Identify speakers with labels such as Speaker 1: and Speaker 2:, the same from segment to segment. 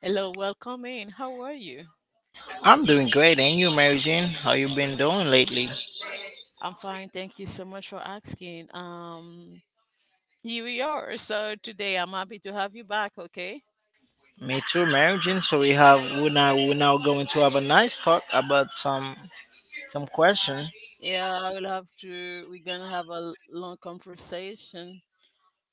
Speaker 1: Hello, welcome in. How are you?
Speaker 2: I'm doing great, and you, Mary Jane? How you been doing lately?
Speaker 1: I'm fine. Thank you so much for asking. Here we are. So today I'm happy to have you back. Okay.
Speaker 2: Me too, Mary Jane. So we're now going to have a nice talk about some question.
Speaker 1: Yeah, I will have to. We're gonna have a long conversation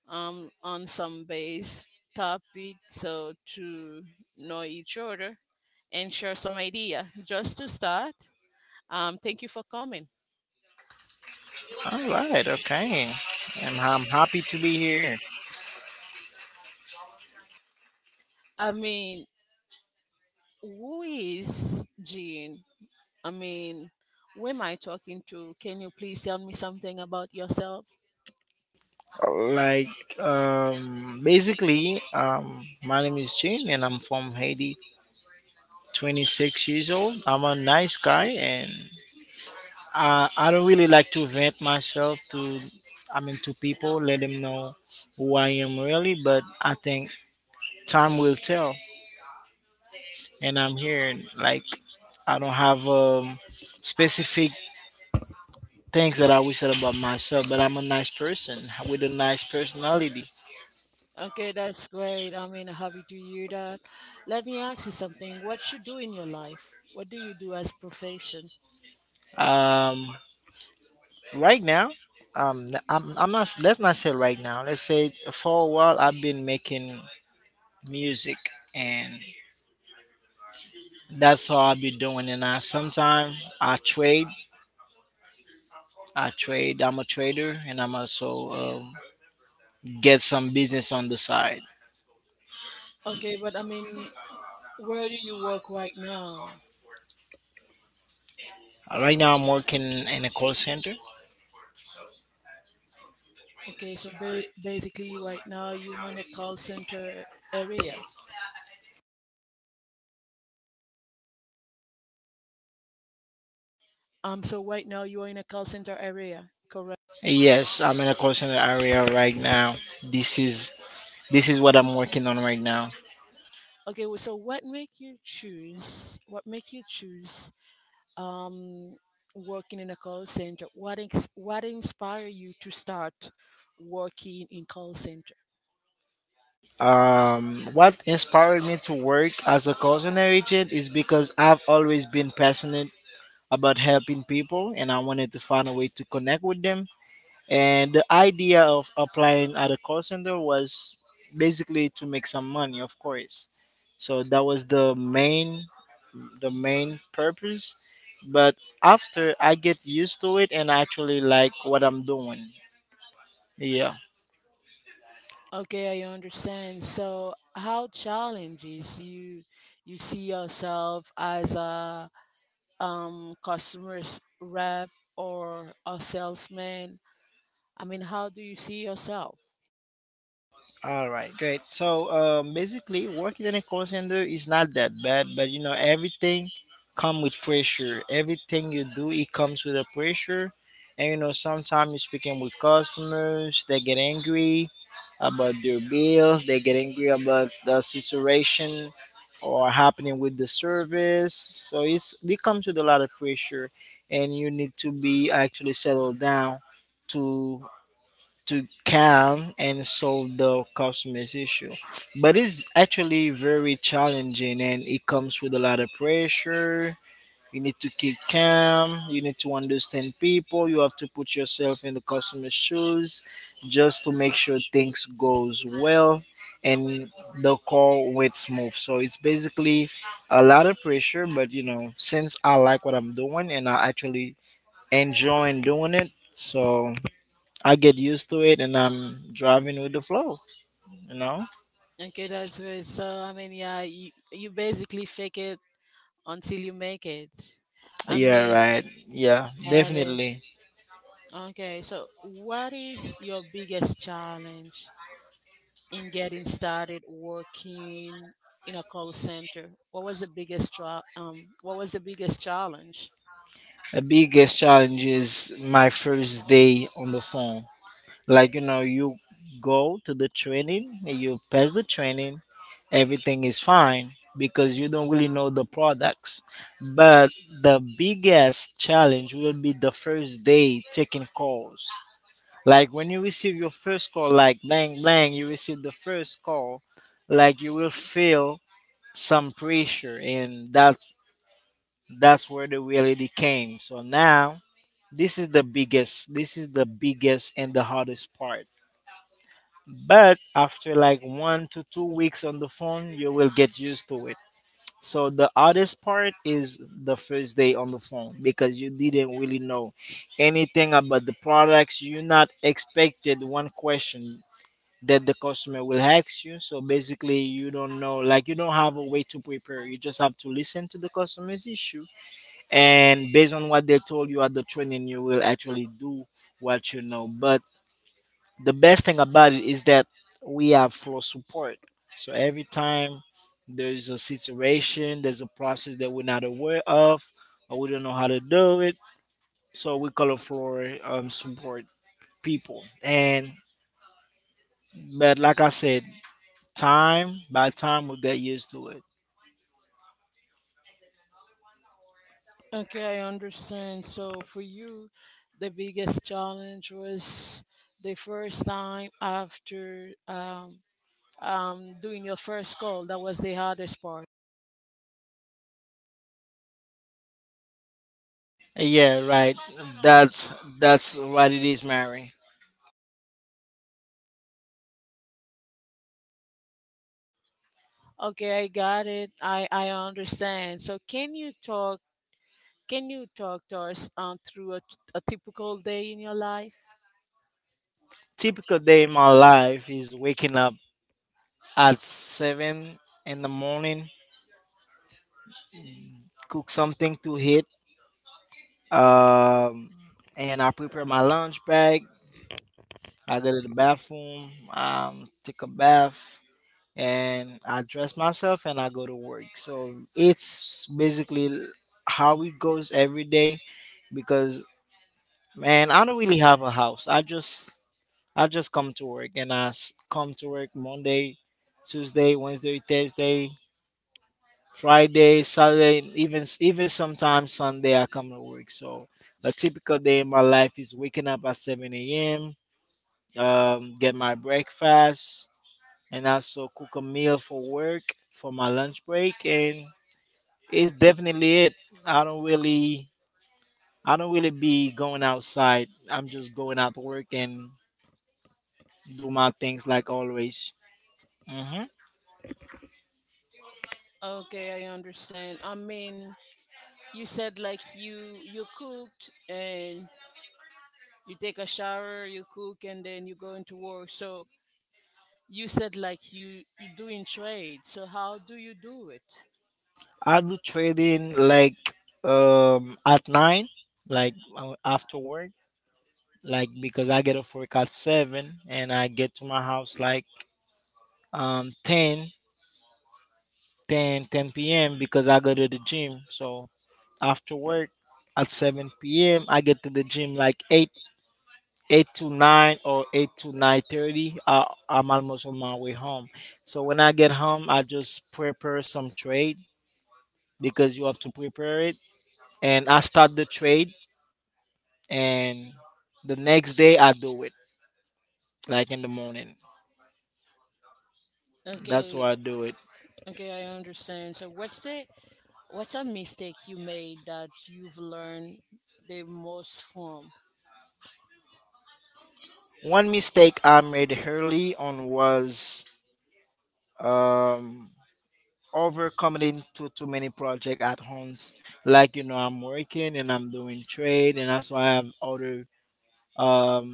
Speaker 1: on some base topic, so to know each other and share some idea. Just to start, thank you for coming.
Speaker 2: All right, okay. And I'm happy to be here.
Speaker 1: I mean, who is Jean? I mean, who am I talking to? Can you please tell me something about yourself?
Speaker 2: Like basically, my name is Jane, and I'm from Haiti. 26 years old. I'm a nice guy, and I don't really like to vent myself to, I mean, to people, let them know who I am really. But I think time will tell. And I'm here, and like, I don't have specific things that I always said about myself, but I'm a nice person with a nice personality.
Speaker 1: Okay, that's great. I mean, happy to hear that. Let me ask you something. What you do in your life? What do you do as profession?
Speaker 2: Um, right now, I'm not. Let's not say right now. Let's say for a while I've been making music, and that's all I've been doing. And I sometimes I trade. I trade. I'm a trader, and I'm also get some business on the side.
Speaker 1: Okay, but I mean, where do you work right now?
Speaker 2: Right now, I'm working in a call center.
Speaker 1: Okay, so basically, right now you are in a call center area. So right now you are in a call center area, correct?
Speaker 2: Yes, I'm in a call center area right now. This is this is what I'm working on right now.
Speaker 1: Okay, well, so what make you choose? What make you choose um, working in a call center. What inspired you to start working in call center?
Speaker 2: What inspired me to work as a call center agent is because I've always been passionate about helping people, and I wanted to find a way to connect with them. And the idea of applying at a call center was basically to make some money, of course. So that was the main purpose, but after I get used to it and actually like what I'm doing. Yeah.
Speaker 1: Okay, I understand. So, how challenges you see yourself as a customer rep or a salesman? I mean, how do you see yourself?
Speaker 2: All right, great. So basically, working in a call center is not that bad, but everything come with pressure. Everything you do, it comes with a pressure, and sometimes you're speaking with customers. They get angry about their bills. They get angry about the situation or happening with the service. So it comes with a lot of pressure, and you need to be actually settled down to to calm and solve the customers issue. But it's actually very challenging, and it comes with a lot of pressure. You need to keep calm. You need to understand people. You have to put yourself in the customer's shoes just to make sure things goes well and the call went smooth. So it's basically a lot of pressure, but since I like what I'm doing and I actually enjoying doing it, so I get used to it and I'm driving with the flow, you know?
Speaker 1: Okay, that's it. So, I mean, yeah, you basically fake it until you make it. I
Speaker 2: Yeah,
Speaker 1: mean,
Speaker 2: right. Yeah,
Speaker 1: got it.
Speaker 2: definitely.
Speaker 1: Okay, so what is your biggest challenge in getting started working in a call center? What was the biggest what was the biggest challenge?
Speaker 2: The biggest challenge is my first day on the phone. Like, you go to the training, you pass the training, everything is fine because you don't really know the products. But the biggest challenge will be the first day taking calls. Like when you receive your first call, like bang bang, you receive the first call, like you will feel some pressure, and that's where the reality came. So now this is the biggest and the hardest part. But after like 1 to 2 weeks on the phone, you will get used to it. So the hardest part is the first day on the phone because you didn't really know anything about the products. You're not expected one question that the customer will ask you. So basically, you don't know, like you don't have a way to prepare. You just have to listen to the customer's issue, and based on what they told you at the training, you will actually do what you know. But the best thing about it is that we have flow support. So every time there's a situation, there's a process that we're not aware of, or we don't know how to do it. So we call it floor support people. And but like I said, time by time we'll get used to it.
Speaker 1: Okay, I understand. So for you, the biggest challenge was the first time after doing your first call. That was the hardest part.
Speaker 2: Yeah, right. That's what it is, Mary.
Speaker 1: Okay, I got it. I understand. So can you talk can you talk to us through a typical day in your life?
Speaker 2: Typical day in my life is waking up at 7 in the morning, cook something to eat, um, and I prepare my lunch bag. I go to the bathroom, take a bath, and I dress myself and I go to work. So it's basically how it goes every day because, man, I don't really have a house. I just come to work, and come to work Monday, Tuesday, Wednesday, Thursday, Friday, Saturday, and even sometimes Sunday I come to work. So a typical day in my life is waking up at 7 a.m., get my breakfast, and also cook a meal for work for my lunch break, and it's definitely it. I don't really I don't really be going outside. I'm just going out to work and do my things like always. Hmm.
Speaker 1: Okay, I understand. I mean, you said like you cooked and you take a shower, you cook, and then you go into work. So you said like you doing trade. So how do you do it?
Speaker 2: I do trading like at 9, like after work, like because I get off work at 7 and I get to my house like um 10, ten p.m. because I go to the gym. So after work at 7 p.m. I get to the gym like 8. 8 to 9 or 8 to 9:30 I'm almost on my way home, so when I get home I just prepare some trade because you have to prepare it. And I start the trade, and the next day I do it, like in the morning. That's
Speaker 1: Okay,
Speaker 2: why I do it.
Speaker 1: okay, I understand. So what's a mistake you made that you've learned the most from?
Speaker 2: One mistake I made early on was um, overcommitting to too many projects at once. Like I'm working and I'm doing trade, and that's why I have other um,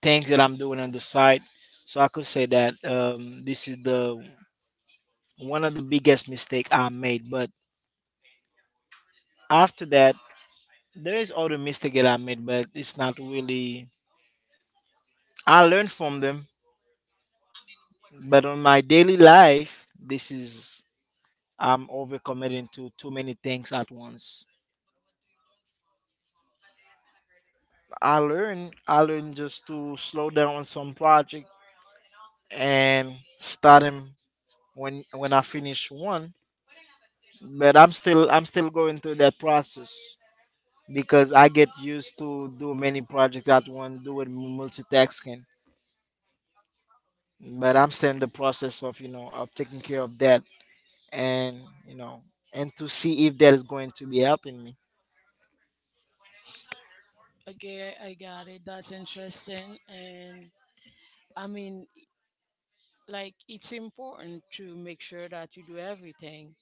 Speaker 2: things that I'm doing on the side. So I could say that this is the one of the biggest mistake I made. But after that, there is other mistake that I made, but it's not really. I learned from them, but on my daily life, this is I'm overcommitting to too many things at once. I learn just to slow down on some project and start them when I finish one. But I'm still going through that process because I get used to do many projects at once, doing multitasking. But I'm still in the process of taking care of that, and you know to see if that is going to be helping me.
Speaker 1: Okay, I got it. That's interesting. And I mean, like it's important to make sure that you do everything,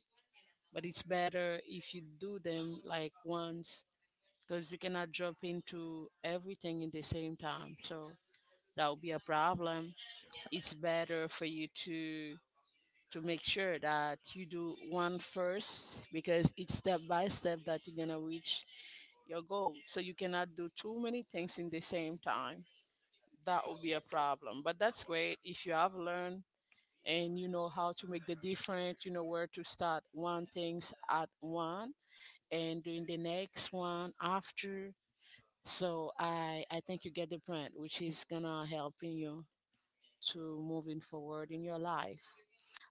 Speaker 1: but it's better if you do them like once, because you cannot jump into everything in the same time. So that would be a problem. It's better for you to make sure that you do one first, because it's step by step that you're gonna reach your goal. So you cannot do too many things in the same time. That would be a problem. But that's great if you have learned and you know how to make the difference, you know, where to start one things at one and doing the next one after. So I think you get the point, which is gonna helping you to moving forward in your life.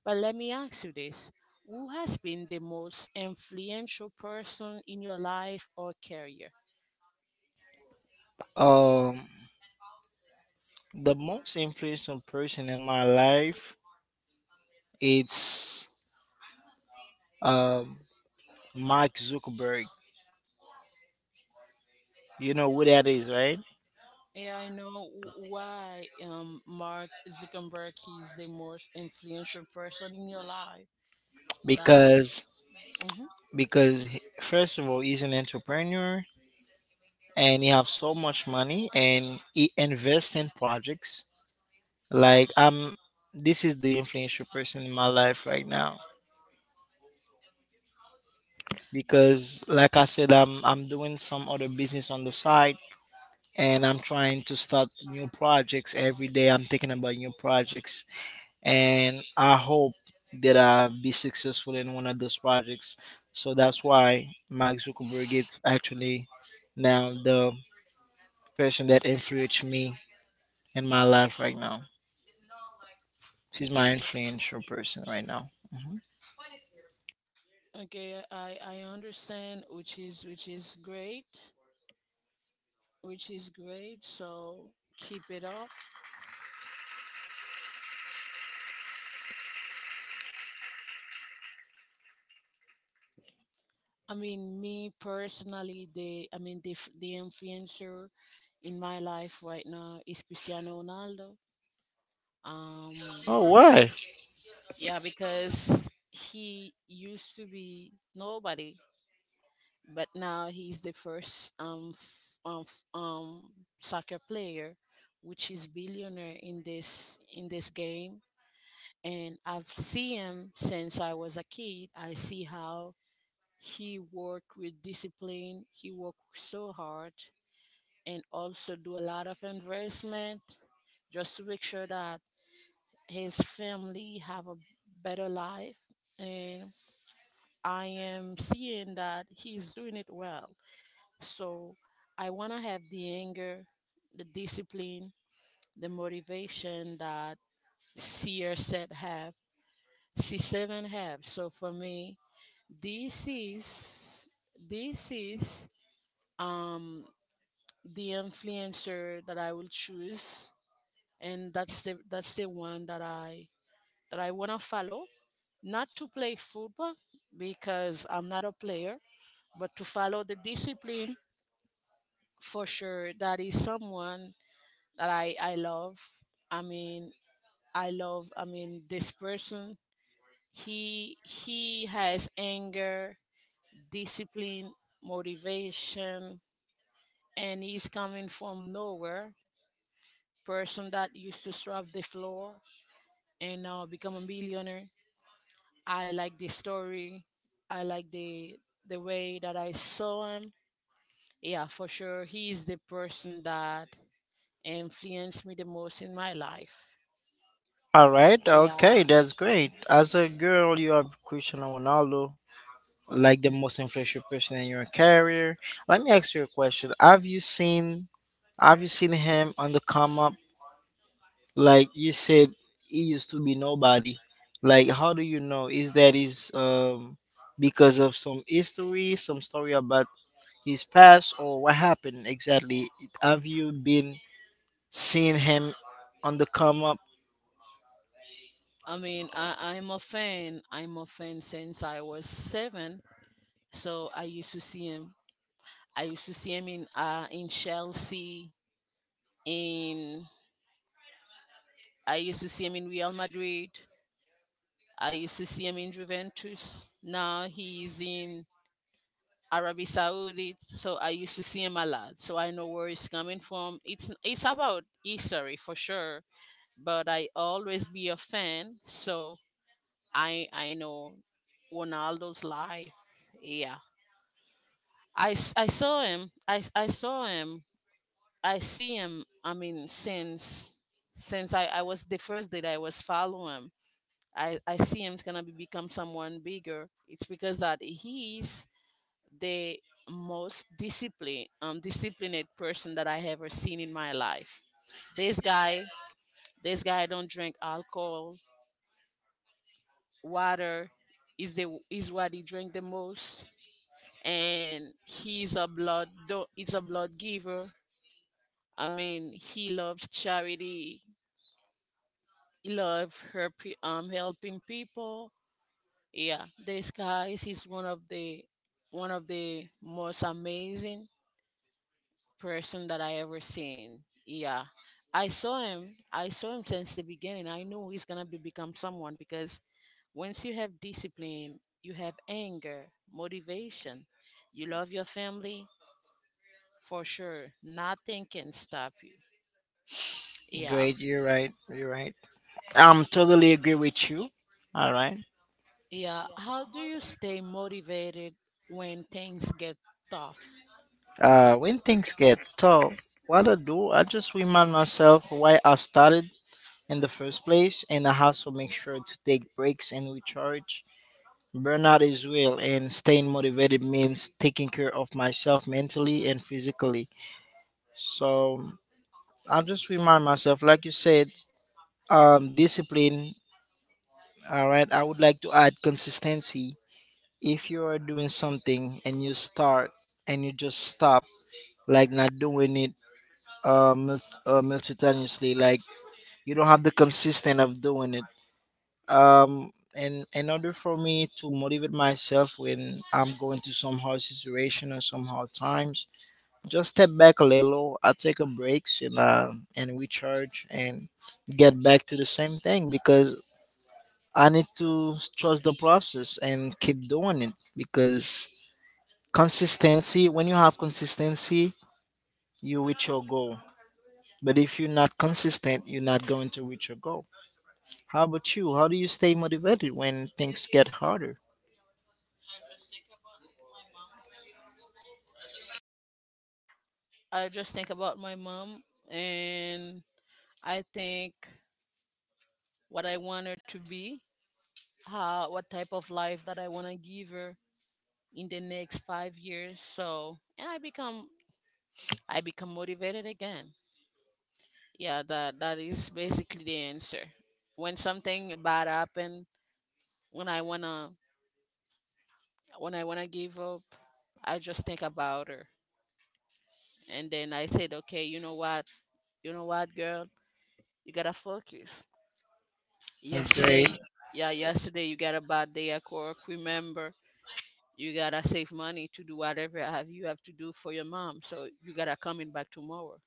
Speaker 1: But let me ask you this. Who has been the most influential person in your life or career?
Speaker 2: Um the most influential person in my life, it's um Mark Zuckerberg. You know who that is, right?
Speaker 1: Yeah, I know why Mark Zuckerberg is the most influential person in your life. That.
Speaker 2: Because because first of all, he's an entrepreneur, and he have so much money and he invest in projects, like I'm this is the influential person in my life right now. Because, like I said, I'm doing some other business on the side, and I'm trying to start new projects every day. I'm thinking about new projects, and I hope that I'll be successful in one of those projects. So that's why Mark Zuckerberg is actually now the person that influenced me in my life right now. She's my influential person right now. Mhm.
Speaker 1: Okay, I understand, which is great, which is great. So keep it up. I mean, me personally, the I mean, the influencer in my life right now is Cristiano Ronaldo. Um,
Speaker 2: Oh, why?
Speaker 1: yeah, because he used to be nobody, but now he's the first soccer player, which is billionaire in this game. And I've seen him since I was a kid. I see how he worked with discipline. He worked so hard and also do a lot of investment, just to make sure that his family have a better life. And I am seeing that he's doing it well. So I want to have the anger, the discipline, the motivation that CR said have, C7 have. So for me, This is this is um the influencer that I will choose, and that's the one that I wanna follow. Not to play football because I'm not a player, but to follow the discipline. For sure that is someone that I love. I mean, I love, I mean, this person. He has anger, discipline, motivation, and he's coming from nowhere. Person that used to scrub the floor and now become a millionaire. I like the story. I like the way that I saw him. Yeah, for sure, he is the person that influenced me the most in my life.
Speaker 2: All right. Okay,
Speaker 1: Yeah,
Speaker 2: that's great. As a girl, you have Cristiano Ronaldo, like the most influential person in your career. Let me ask you a question. Have you seen him on the come up? Like you said, he used to be nobody. Like, how do you know? Is that is because of some history, some story about his past or what happened exactly? Have you been seeing him on the come up?
Speaker 1: I mean, I'm a fan. I'm a fan since I was 7. So I used to see him. I used to see him in Chelsea. In I used to see him in Real Madrid. I used to see him in Juventus. Now he's in Arabi Saudi. So I used to see him a lot. So I know where he's coming from. It's about history for sure. But I always be a fan. So I know Ronaldo's life. Yeah. I saw him. I saw him. I see him. I mean, since I was the first day that I was following I see him's gonna become someone bigger. It's because that he's the most disciplined person that I ever seen in my life. This guy, this guy don't drink alcohol, water is the is what he drink the most, and he's a blood giver. I mean, he loves charity. He loves her, helping people. Yeah, the skies is one of the most amazing person that I ever seen. Yeah, I saw him. I saw him since the beginning. I knew he's gonna be become someone, because once you have discipline, you have anger, motivation, you love your family, for sure nothing can stop you. Yeah,
Speaker 2: Great, you're right. You're right. I'm totally agree with you. All right.
Speaker 1: yeah. How do you stay motivated when things get tough?
Speaker 2: When things get tough, what I do, I just remind myself why I started in the first place, and I also make sure to take breaks and recharge. Burnout is real, and staying motivated means taking care of myself mentally and physically. So I just remind myself, like you said, discipline. All right, I would like to add consistency. If you are doing something and you start and you just stop, like not doing it, it's, simultaneously, like you don't have the consistent of doing it, and in order for me to motivate myself when I'm going to some hard situation or some hard times, just step back a little. I take a breaks and and recharge and get back to the same thing because I need to trust the process and keep doing it because consistency, when you have consistency, you reach your goal. But if you're not consistent, you're not going to reach your goal. How about you? How do you stay motivated when things get harder?
Speaker 1: I just think about my mom, and I think what I want her to be, how what type of life that I want to give her in the next 5 years. So, and I become motivated again. Yeah, that is basically the answer. When something bad happened, when I want to give up, I just think about her. And then I said, "Okay, you know what? You know what, girl? You got to focus.
Speaker 2: Great.
Speaker 1: Yesterday, yeah, yesterday you got a bad day at work. Remember, you gotta save money to do whatever have you have to do for your mom. So you gotta coming back tomorrow."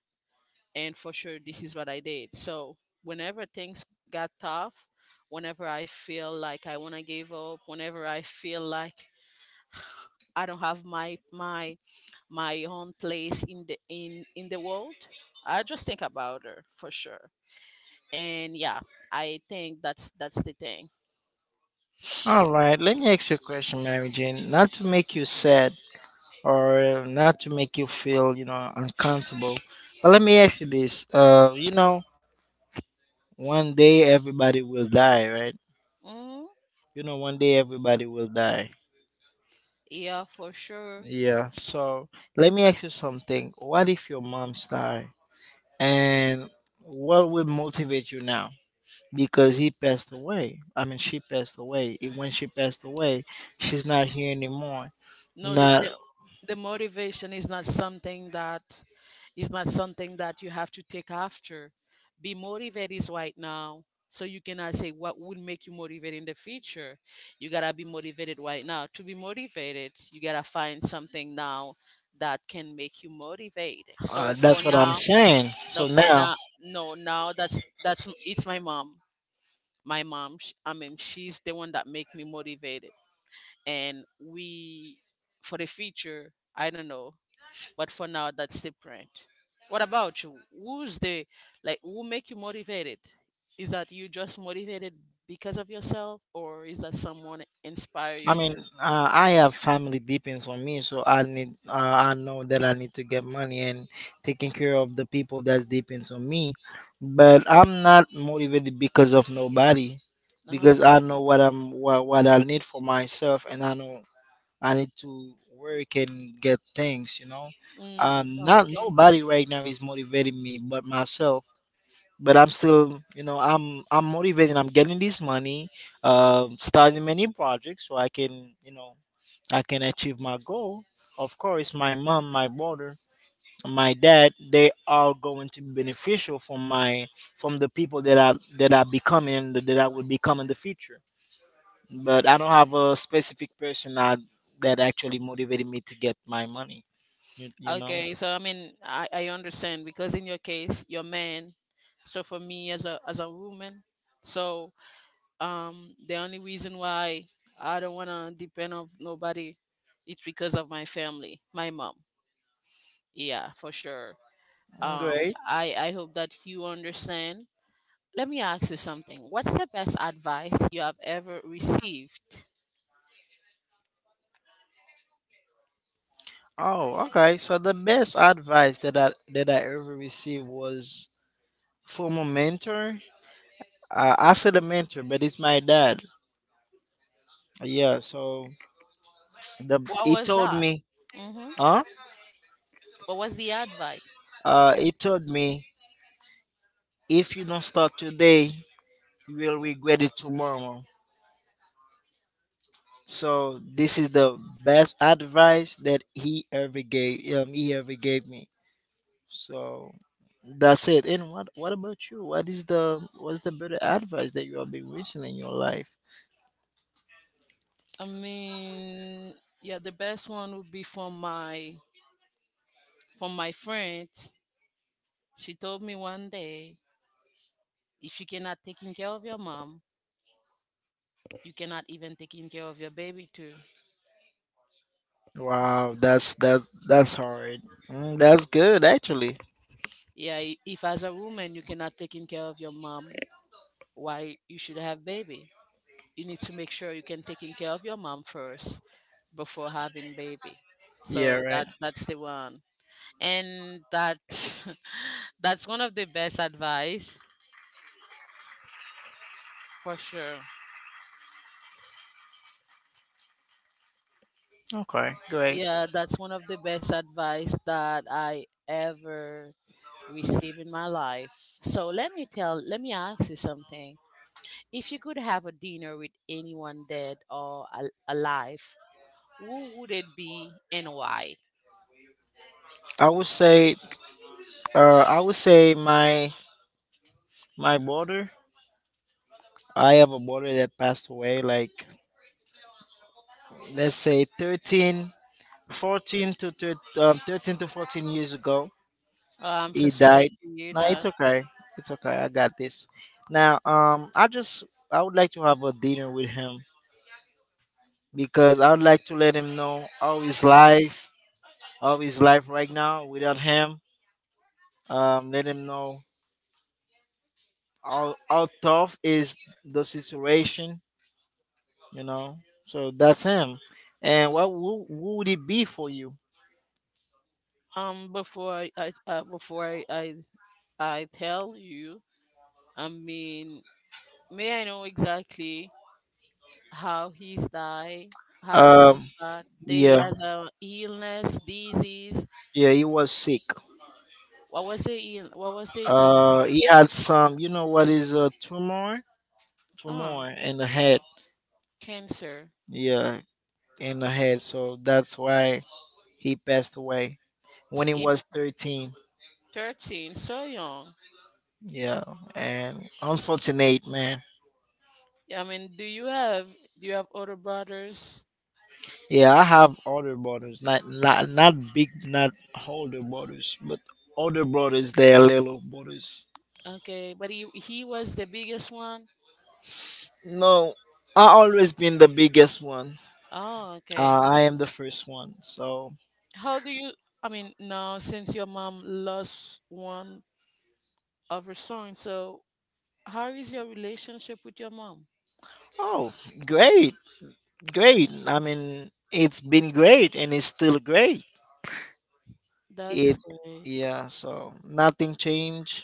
Speaker 1: And for sure, this is what I did. So whenever things got tough, whenever I feel like I wanna give up, whenever I feel like I don't have my own place in the world, I just think about her for sure. And yeah, I think that's the thing.
Speaker 2: All right. Let me ask you a question, Mary Jane. Not to make you sad or not to make you feel, uncomfortable. But let me ask you this. One day everybody will die, right?
Speaker 1: Mm-hmm.
Speaker 2: One day everybody will die.
Speaker 1: Yeah, for sure.
Speaker 2: Yeah. So let me ask you something. What if your mom's die? And what will motivate you now? Because he passed away. I mean, she passed away. And when she passed away, she's not here anymore.
Speaker 1: No,
Speaker 2: Not
Speaker 1: the motivation is not something that you have to take after. Be motivated right now, so you cannot say what would make you motivated in the future. You gotta be motivated right now. To be motivated, you gotta find something now that can make you motivated. So
Speaker 2: that's what I'm saying. So
Speaker 1: for
Speaker 2: now,
Speaker 1: now, no, now that's it's my mom. My mom, I mean, she's the one that make me motivated. And we, for the future I don't know, but for now that's different. What about you? Who's the, like, who make you motivated? Is that you just motivated because of yourself, or is that someone inspire
Speaker 2: I
Speaker 1: you
Speaker 2: mean,
Speaker 1: to.
Speaker 2: I have family depends on me, so I need. I know that I need to get money and taking care of the people that depends on me. But I'm not motivated because of nobody,
Speaker 1: Oh,
Speaker 2: because I
Speaker 1: okay.
Speaker 2: know what I need for myself, and I know I need to work and get things.
Speaker 1: Mm,
Speaker 2: Not
Speaker 1: okay.
Speaker 2: nobody right now is motivating me but myself. But I'm still, I'm motivated. I'm getting this money, starting many projects so I can, I can achieve my goal. Of course, my mom, my brother, my dad, they are going to be beneficial from my from the people that I become and that I will become in the future, but I don't have a specific person that actually motivated me to get my money. You know.
Speaker 1: Okay. So I mean, I understand, because in your case, you're man. So for me, as a woman, so the only reason why I don't want to depend on nobody, it's because of my family, my mom. Yeah, for sure.
Speaker 2: Great.
Speaker 1: I hope that you understand. Let me ask you something. What's the best advice you have ever received?
Speaker 2: Oh, okay. So the best advice that I ever received was from a mentor. I said a mentor, but it's my dad. Yeah. So the
Speaker 1: What
Speaker 2: he
Speaker 1: was
Speaker 2: told
Speaker 1: that?
Speaker 2: me,
Speaker 1: Mm-hmm.
Speaker 2: huh?
Speaker 1: What was the advice?
Speaker 2: He told me if you don't start today, you will regret it tomorrow. So this is the best advice that he ever gave. He ever gave me. So that's it. And what about you? What is the better advice that you have been receiving in your life?
Speaker 1: I mean, yeah, the best one would be from my friend. She told me one day, if you cannot taking care of your mom, you cannot even taking care of your baby too.
Speaker 2: Wow, that's hard. Mm, that's good actually.
Speaker 1: Yeah, if as a woman you cannot taking care of your mom, why you should have baby? You need to make sure you can taking care of your mom first before having baby.
Speaker 2: Yeah,
Speaker 1: So
Speaker 2: right.
Speaker 1: that that's the one. And that that's one of the best advice for sure.
Speaker 2: Okay, great.
Speaker 1: Yeah, that's one of the best advice that I ever received in my life. So let me ask you something. If you could have a dinner with anyone dead or alive, who would it be and why?
Speaker 2: I would say I would say my brother, I have a brother that passed away, like let's say 13, 14 to 13, 13 to 14 years ago
Speaker 1: I'm so
Speaker 2: he
Speaker 1: sorry
Speaker 2: died.
Speaker 1: to hear
Speaker 2: No, it's
Speaker 1: that.
Speaker 2: okay. It's okay. I got this. Now, I just I would like to have a dinner with him because I would like to let him know all his life right now without him. Let him know how tough is the situation. You know, so that's him. And who would it be for you?
Speaker 1: Before I tell you, I mean, may I know exactly how he's died? How
Speaker 2: Um,
Speaker 1: was that? They
Speaker 2: yeah,
Speaker 1: has a illness, disease.
Speaker 2: yeah, he was sick.
Speaker 1: What was the ill? What was the disease?
Speaker 2: He had some. You know what is a tumor?
Speaker 1: Ah,
Speaker 2: Tumor in the head,
Speaker 1: Cancer.
Speaker 2: yeah, in the head. So that's why he passed away when he was
Speaker 1: It's
Speaker 2: 13.
Speaker 1: 13, so young.
Speaker 2: Yeah, and unfortunate, man.
Speaker 1: Yeah, I mean, do you have older brothers?
Speaker 2: Yeah, I have older brothers, not big, not older brothers, but older brothers. They are little brothers.
Speaker 1: Okay, but he was the biggest one.
Speaker 2: No, I always been the biggest one.
Speaker 1: Oh, okay.
Speaker 2: I am the first one. So,
Speaker 1: How do you? I mean, now since your mom lost one of her sons, so how is your relationship with your mom?
Speaker 2: oh, great, great. I mean, it's been great, and it's still great.
Speaker 1: That's
Speaker 2: It
Speaker 1: great.
Speaker 2: Yeah, so nothing changed.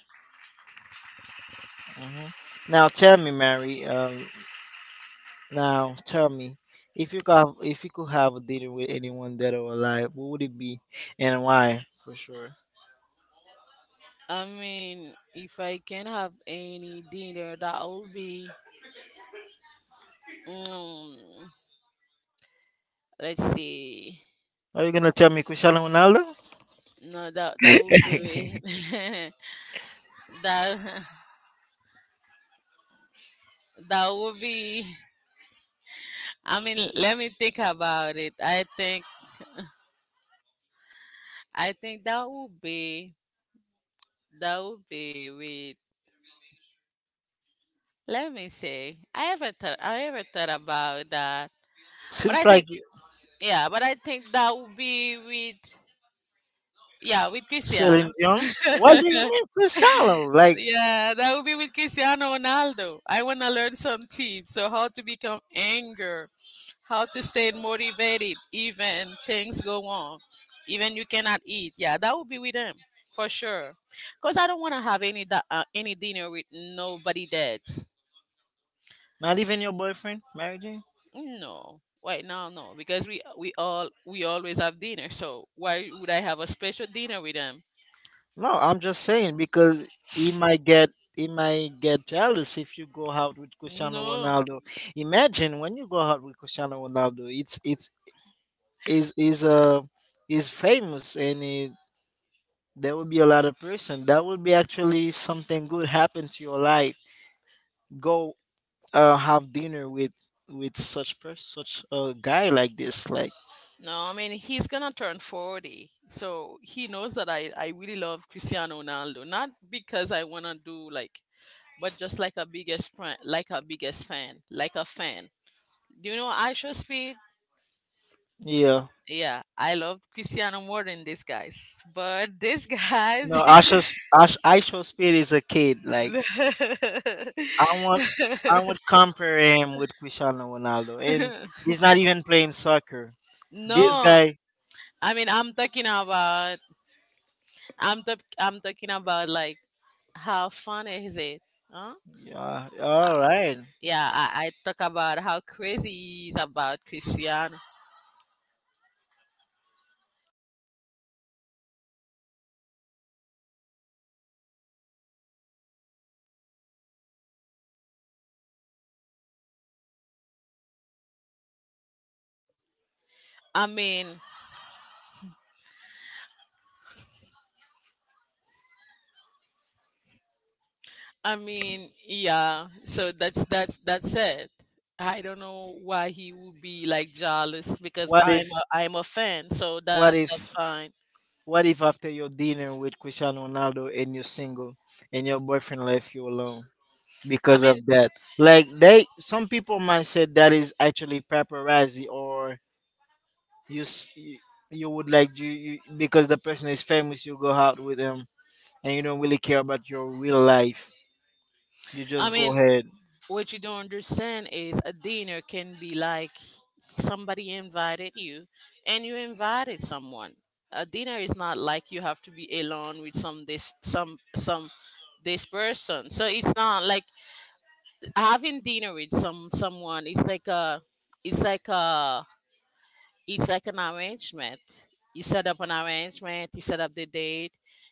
Speaker 2: Hmm. Now tell me, Mary. Now tell me, if you could, if you could have a dinner with anyone dead or alive, what would it be, and why? For sure.
Speaker 1: I mean, if I can have any dinner, that would be. Mm, let's see.
Speaker 2: Are you gonna tell me Cristiano Ronaldo?
Speaker 1: No, that would be that that would be let me think about it. I think that would be with. Let me say, I ever thought about that, but I
Speaker 2: Seems
Speaker 1: think
Speaker 2: like you,
Speaker 1: that would be with yeah with
Speaker 2: Celine
Speaker 1: Christiana.
Speaker 2: Dion. What do you mean Cristiano? Like
Speaker 1: Yeah, that would be with Cristiano Ronaldo. I want to learn some tips. So, how to become anger, how to stay motivated even things go wrong, even you cannot eat. Yeah, that would be with him for sure. Cause I don't want to have any dinner with nobody dead.
Speaker 2: not even your boyfriend, Mary Jane?
Speaker 1: No, right now no, because we always have dinner. So why would I have a special dinner with them?
Speaker 2: No, I'm just saying because he might get he might get jealous if you go out with Cristiano
Speaker 1: No.
Speaker 2: Ronaldo. Imagine when you go out with Cristiano Ronaldo, it's is is uh is famous and there will be a lot of person that will be actually something good happen to your life, go have dinner with such person, such a guy like this.
Speaker 1: No, I mean he's gonna turn 40, so he knows that I really love Cristiano Ronaldo, not because I wanna do like, but just like a biggest friend, like a biggest fan, like a fan. You know, Aisha Speed.
Speaker 2: Yeah,
Speaker 1: Yeah, I love Cristiano more than these guys, but these guys,
Speaker 2: No, Asha's Ash Aisha Speed is a kid. Like, I want I would compare him with Cristiano Ronaldo and he's not even playing soccer, this
Speaker 1: no,
Speaker 2: guy.
Speaker 1: I mean I'm talking about like how fun is it, huh?
Speaker 2: Yeah, all right.
Speaker 1: Yeah, I talk about how crazy he is about Cristiano. I mean, yeah. So that's it. I don't know why he would be like jealous because
Speaker 2: what if
Speaker 1: I'm a fan, so
Speaker 2: what
Speaker 1: that
Speaker 2: if
Speaker 1: that's fine.
Speaker 2: what if, after your dinner with Cristiano Ronaldo, and you're single and your boyfriend left you alone
Speaker 1: I
Speaker 2: because of
Speaker 1: mean,
Speaker 2: that? Like, they, some people might say that is actually paparazzi, or you s- you you would like you, because the person is famous, you go out with them and you don't really care about your real life. You
Speaker 1: I
Speaker 2: just go
Speaker 1: mean,
Speaker 2: ahead.
Speaker 1: what you don't understand is a dinner can be like somebody invited you and you invited someone. A dinner is not like you have to be alone with some this person. So it's not like having dinner with someone. It's like a it's like a it's like an arrangement. You set up an arrangement, you set up the date,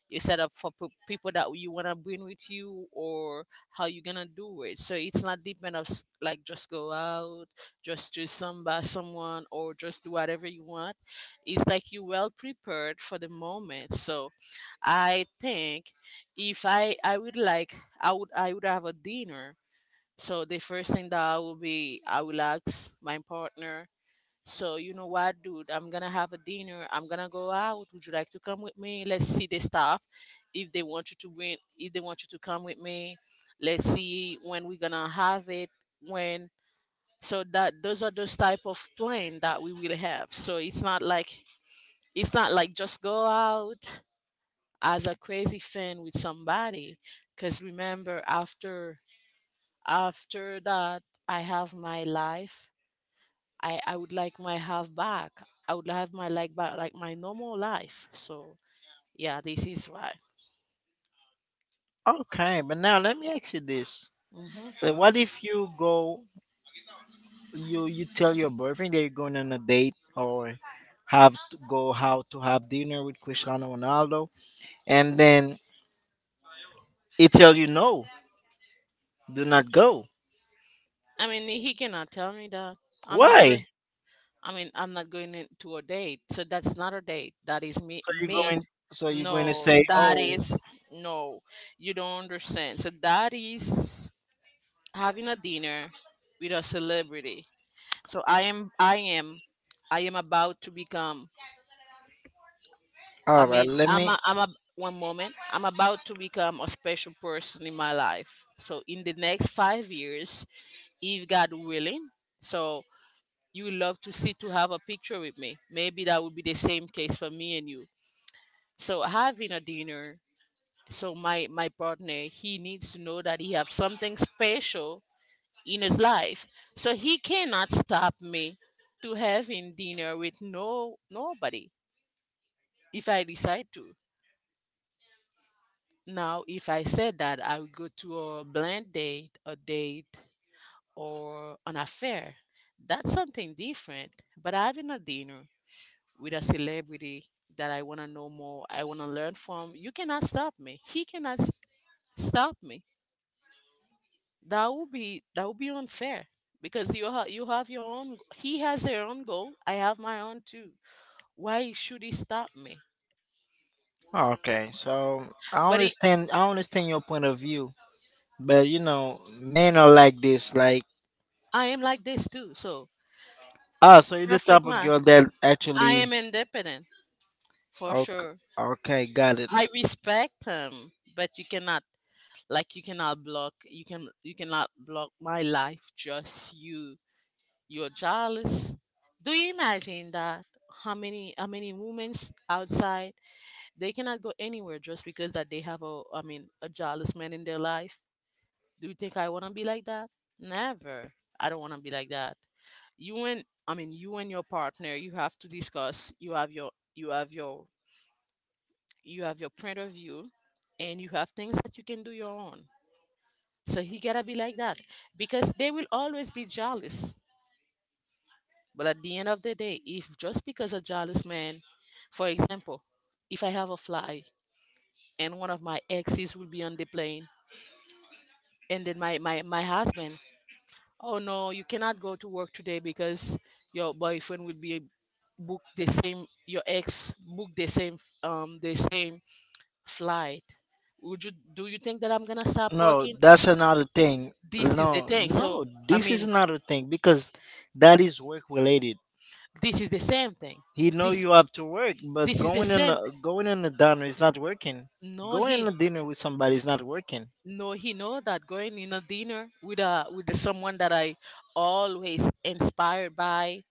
Speaker 1: you set up for people that you want to bring with you or how you're going to do it. So it's not depend of like just go out, just do some by someone or just do whatever you want. It's like you well prepared for the moment. So I think if I, I would like, I would have a dinner. So the first thing that I will ask my partner so you know what, dude? I'm gonna have a dinner. I'm gonna go out. Would you like to come with me? Let's see the stuff. If they want you to win, if they want you to come with me, let's see when we're gonna have it. When so that those are those type of plan that we will have. So it's not like just go out as a crazy fan with somebody. Cause remember, after that, I have my life. I would like my half back. I would have my like back, like my normal life. So yeah, this is why.
Speaker 2: Okay, but now let me ask you this:
Speaker 1: hmm
Speaker 2: What if you go you tell your boyfriend that you're going on a date, or have to go how to have dinner with Cristiano Ronaldo, and then he tell you no, do not go.
Speaker 1: I mean, he cannot tell me that I'm not going.
Speaker 2: Why?
Speaker 1: I mean, I'm not going in to a date. So that's not a date. That is me.
Speaker 2: So you're
Speaker 1: Meet.
Speaker 2: going. So you're going to
Speaker 1: No,
Speaker 2: say,
Speaker 1: that
Speaker 2: oh,
Speaker 1: is no. You don't understand. So that is having a dinner with a celebrity. So I am. I am. I am about to become I
Speaker 2: all right,
Speaker 1: mean,
Speaker 2: let
Speaker 1: I'm
Speaker 2: me.
Speaker 1: a, I'm a, one moment. I'm about to become a special person in my life. So in the next 5 years, if God willing, so you would love to see to have a picture with me. Maybe that would be the same case for me and you. So having a dinner. So my partner, he needs to know that he have something special in his life. So he cannot stop me to having dinner with nobody if I decide to. Now, if I said that, I would go to a blind date, a date, or an affair. That's something different. But having a dinner with a celebrity that I want to know more, I want to learn from, you cannot stop me. He cannot s- stop me. That would be unfair because you have your own. He has their own goal. I have my own too. Why should he stop me?
Speaker 2: Okay, so I
Speaker 1: But he,
Speaker 2: understand. I understand your point of view, but you know, men are like this. Like,
Speaker 1: I am like this too. So
Speaker 2: ah, so you're the
Speaker 1: perfect
Speaker 2: type of
Speaker 1: man.
Speaker 2: girl that
Speaker 1: I
Speaker 2: actually.
Speaker 1: am independent for
Speaker 2: Okay,
Speaker 1: sure.
Speaker 2: okay, got it.
Speaker 1: I respect him, but you cannot block you cannot block my life just you. You're jealous. Do you imagine that how many women outside they cannot go anywhere just because that they have a a jealous man in their life? Do you think I wanna be like that? Never. I don't wanna be like that. You and your partner, you have to discuss. You have your point of view and you have things that you can do your own, so he gotta be like that because they will always be jealous. But at the end of the day, if just because a jealous man, for example, if I have a fly and one of my exes will be on the plane, and then my husband, oh no, you cannot go to work today because your boyfriend will be book the same, your ex book the same, the same flight, would you do you think that I'm gonna stop
Speaker 2: No,
Speaker 1: working?
Speaker 2: that's another thing.
Speaker 1: This is the
Speaker 2: No,
Speaker 1: thing. So
Speaker 2: no,
Speaker 1: I
Speaker 2: this is
Speaker 1: mean,
Speaker 2: another thing because that is work related.
Speaker 1: this is the same thing.
Speaker 2: He know
Speaker 1: This
Speaker 2: you have to work, but
Speaker 1: is the same. Thing.
Speaker 2: going in a dinner is not working.
Speaker 1: No,
Speaker 2: Going in
Speaker 1: he
Speaker 2: a dinner with somebody is not working.
Speaker 1: no he know that going in a dinner with a with someone that I always inspired by.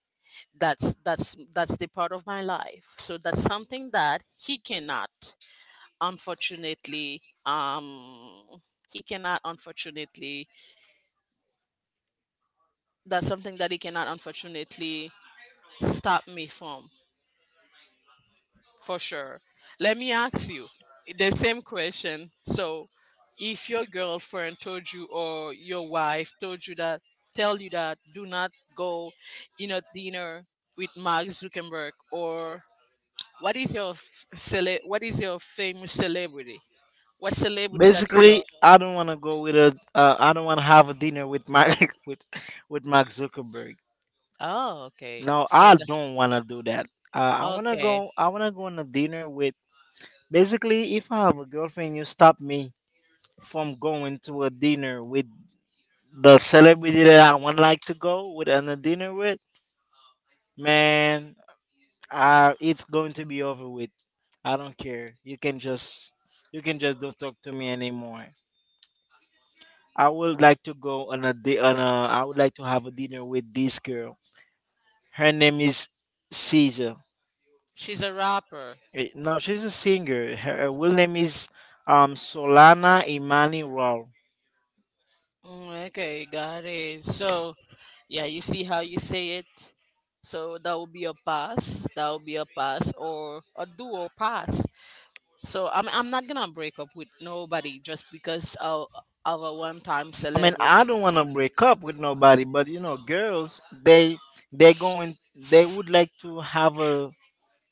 Speaker 1: That's the part of my life. So that's something that he cannot, unfortunately. He cannot, unfortunately. That's something that he cannot, unfortunately, stop me from. For sure. Let me ask you the same question. So, if your girlfriend told you or your wife told you that, tell you that do not go in a dinner with Mark Zuckerberg, or what is your famous celebrity? What celebrity that you
Speaker 2: Basically,
Speaker 1: love?
Speaker 2: I don't want to go with a. I don't want to have a dinner with my with with Mark Zuckerberg.
Speaker 1: Oh, okay.
Speaker 2: No,
Speaker 1: So,
Speaker 2: I
Speaker 1: the,
Speaker 2: don't want to do that. I want to
Speaker 1: okay,
Speaker 2: go. I want to go on a dinner with. Basically, if I have a girlfriend, you stop me from going to a dinner with the celebrity that I would like to go with on a dinner with, man, it's going to be over with. I don't care. You can just don't talk to me anymore. I would like to go on a I would like to have a dinner with this girl. Her name is Caesar.
Speaker 1: she's a rapper.
Speaker 2: Eh, no, she's a singer. Her real name is Solana Imani Raw.
Speaker 1: Okay, got it. So, yeah, you see how you say it. So that will be a pass. That will be a pass or a duo pass. So I'm not gonna break up with nobody just because of a one time
Speaker 2: I mean,
Speaker 1: celebrity.
Speaker 2: I don't want to break up with nobody, but you know, girls, they going they would like to have a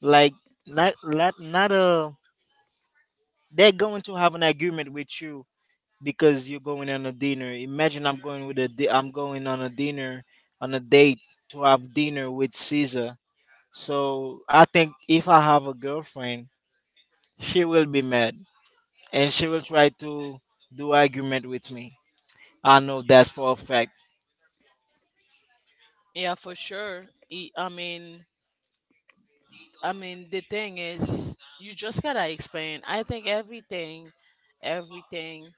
Speaker 2: like, not not not a they're going to have an agreement with you, because you're going on a dinner. Imagine, I'm going on a dinner, on a date to have dinner with Caesar. So I think if I have a girlfriend, she will be mad and she will try to do argument with me. I know that's for a fact.
Speaker 1: Yeah, for sure. I mean, the thing is, you just gotta explain. I think everything, everything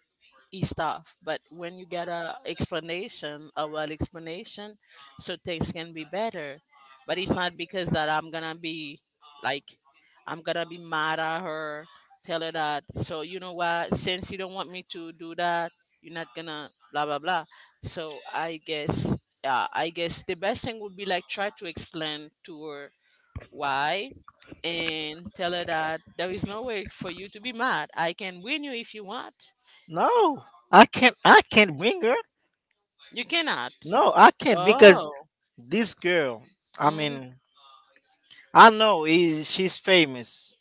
Speaker 1: E Stuff, but when you get a explanation a well explanation, so things can be better. But it's not because that like I'm gonna be mad at her, tell her that so you know what, since you don't want me to do that, you're not gonna blah blah blah. So I guess yeah, I guess the best thing would be like try to explain to her why and tell her that there is no way for you to be mad. I can win you if you want.
Speaker 2: No, I can't bring her.
Speaker 1: You cannot.
Speaker 2: No, I can't because
Speaker 1: Oh.
Speaker 2: this girl, I
Speaker 1: Mm.
Speaker 2: mean, I know is she's famous,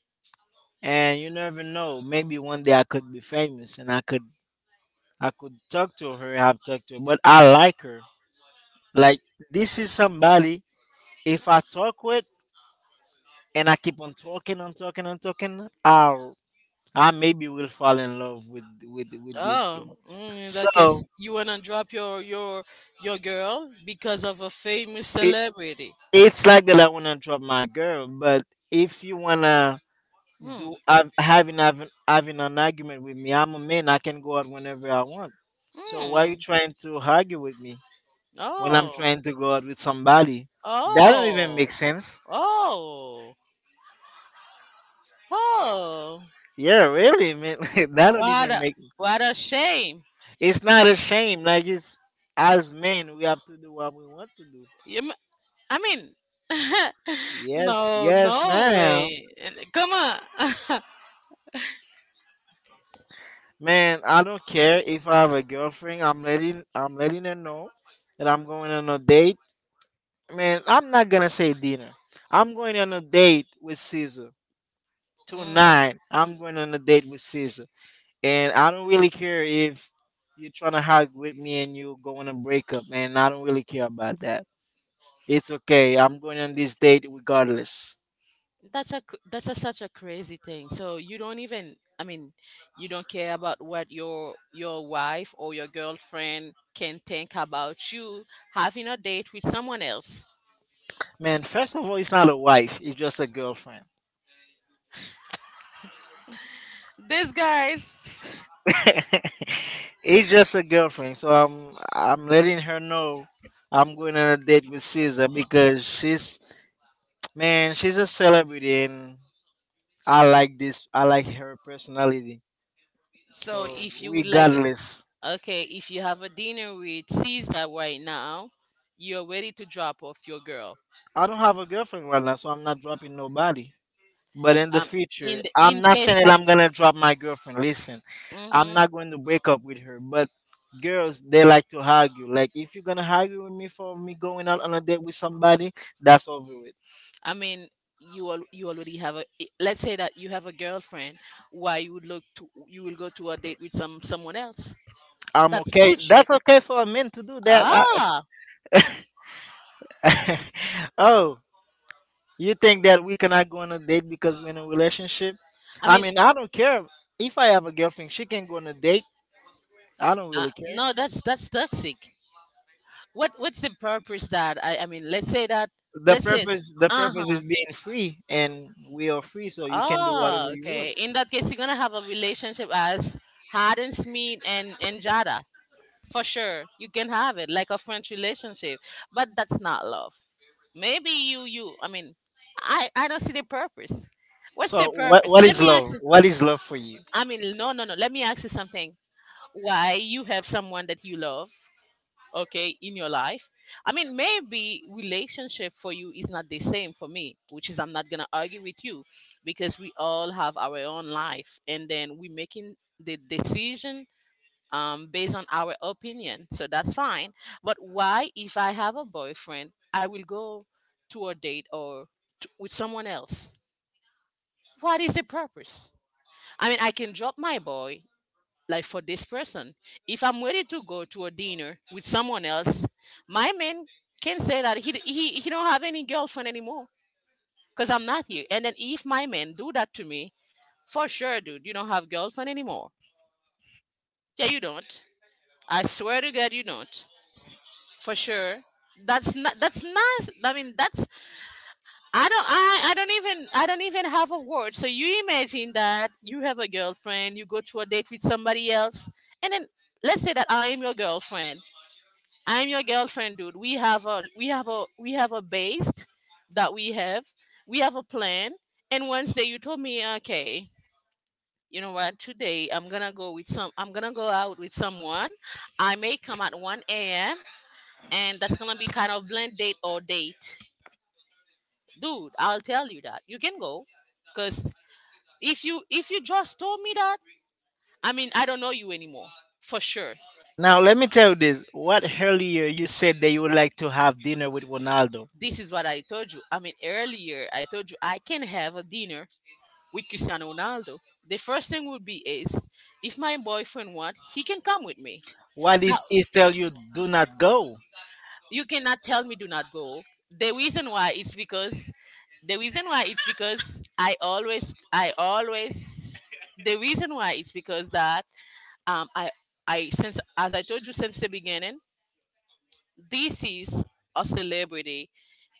Speaker 2: and you never know, maybe one day I could be famous and I could talk to her. I've talked to her, but I like her. Like, this is somebody if I talk with, and I keep on talking and talking and talking, I maybe will fall in love with this
Speaker 1: Oh,
Speaker 2: girl.
Speaker 1: in that
Speaker 2: So
Speaker 1: case, you wanna drop your your girl because of a famous
Speaker 2: it
Speaker 1: celebrity.
Speaker 2: it's like that I want to drop my girl, but if you wanna
Speaker 1: Mm.
Speaker 2: do have, having an argument with me, I'm a man, I can go out whenever I want. So why are you
Speaker 1: Mm.
Speaker 2: trying to argue with me when I'm
Speaker 1: Oh.
Speaker 2: trying to go out with somebody? That don't even
Speaker 1: Oh.
Speaker 2: make sense.
Speaker 1: Oh. Oh.
Speaker 2: Yeah, really, man. That don't even
Speaker 1: What a
Speaker 2: make.
Speaker 1: what a shame.
Speaker 2: It's not a shame. Like, it's as men, we have to do what we want to do.
Speaker 1: You, m- I mean,
Speaker 2: Yes,
Speaker 1: no,
Speaker 2: yes,
Speaker 1: no
Speaker 2: ma'am.
Speaker 1: way. And- Come on.
Speaker 2: Man, I don't care if I have a girlfriend. I'm letting her know that I'm going on a date. Man, I'm not gonna say dinner. I'm going on a date with Caesar
Speaker 1: Mm.
Speaker 2: tonight. I'm going on a date with Caesar. And I don't really care if you're trying to hug with me and you go on a breakup, man. I don't really care about that. It's okay. I'm going on this date regardless.
Speaker 1: That's that's a such a crazy thing. So you don't even you don't care about what your wife or your girlfriend can think about you having a date with someone else.
Speaker 2: Man, first of all, it's not a wife. It's just a girlfriend.
Speaker 1: These guys.
Speaker 2: It's just a girlfriend. So I'm
Speaker 1: So if you would like okay, if you have a dinner with Caesar right now, you're ready to drop off your girl. Um in the, in case that mhm. I mean, you already have a. Let's say that you have a girlfriend. Why you would look to you will go to a date with someone else? That's bullshit. Ah, I mean, no, that's toxic. What what's the purpose that I mean? Let's say that. Let's say. Uh huh. Oh, okay. In that case, you're gonna have a relationship as Harden Smith and Jada. For sure you can have it like a French relationship, but that's not love. Maybe you. I don't see the purpose. What's the purpose? Let me ask you. I mean, no, let me ask you something. Why you have someone that you love, okay, in your life? I mean, maybe relationship for you is not the same for me, which is I'm not gonna argue with you, because we all have our own life and then we making the decision based on our opinion. So that's fine. But why, if I have a boyfriend, I will go to a date or with someone else? What is the purpose? I mean, I can drop my boy like for this person. If I'm ready to go to a dinner with someone else, my man can say that he don't have any girlfriend anymore because I'm not here. And then if my man do that to me, for sure, dude, you don't have girlfriend anymore. Yeah, you don't. I swear to God, you don't. For sure. That's not. That's nice. I mean, that's. I don't. I. I don't even. I don't even have a word. So you imagine that you have a girlfriend. You go to a date with somebody else, and then let's say that I am your girlfriend. I am your girlfriend, dude. We have a. We have a. We have a base that we have. We have a plan. And Wednesday, you told me, okay, you know what? Today, I'm gonna go out with someone. I may come at 1 a.m. and that's gonna be kind of blend date or date. Dude, I'll tell you that you can go, because if you just told me that, I mean, I don't know you anymore, for sure. This is what I told you. I mean, earlier I told you I can have a dinner with Cristiano Ronaldo. The first thing would be is if my boyfriend want, he can come with me. Now, you cannot tell me do not go. The reason why is because. The reason why it's because I always, The reason why it's because that um I I, since, as I told you, since the beginning, this is a celebrity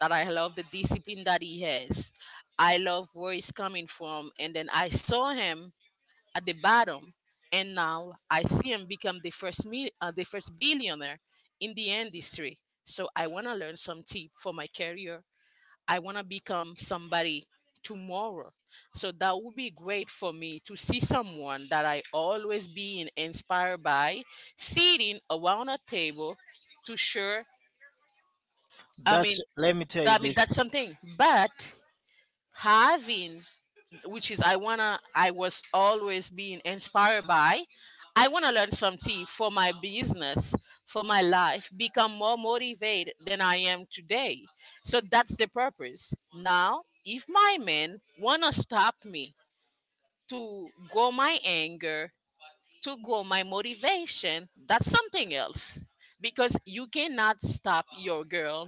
Speaker 1: that I love the discipline that he has. I love where he's coming from, and then I saw him at the bottom, and now I see him become the first billionaire in the industry. So I want to learn some tip for my career. I want to become somebody tomorrow. So that would be great for me to see someone that I always been inspired by sitting around a table to share. I mean, I mean that's something. But having, which is I was always being inspired by. I wanna learn something for my business, for my life, become more motivated than I am today. So that's the purpose. Now, if my men wanna stop me to go my anger, to go my motivation, that's something else, because you cannot stop your girl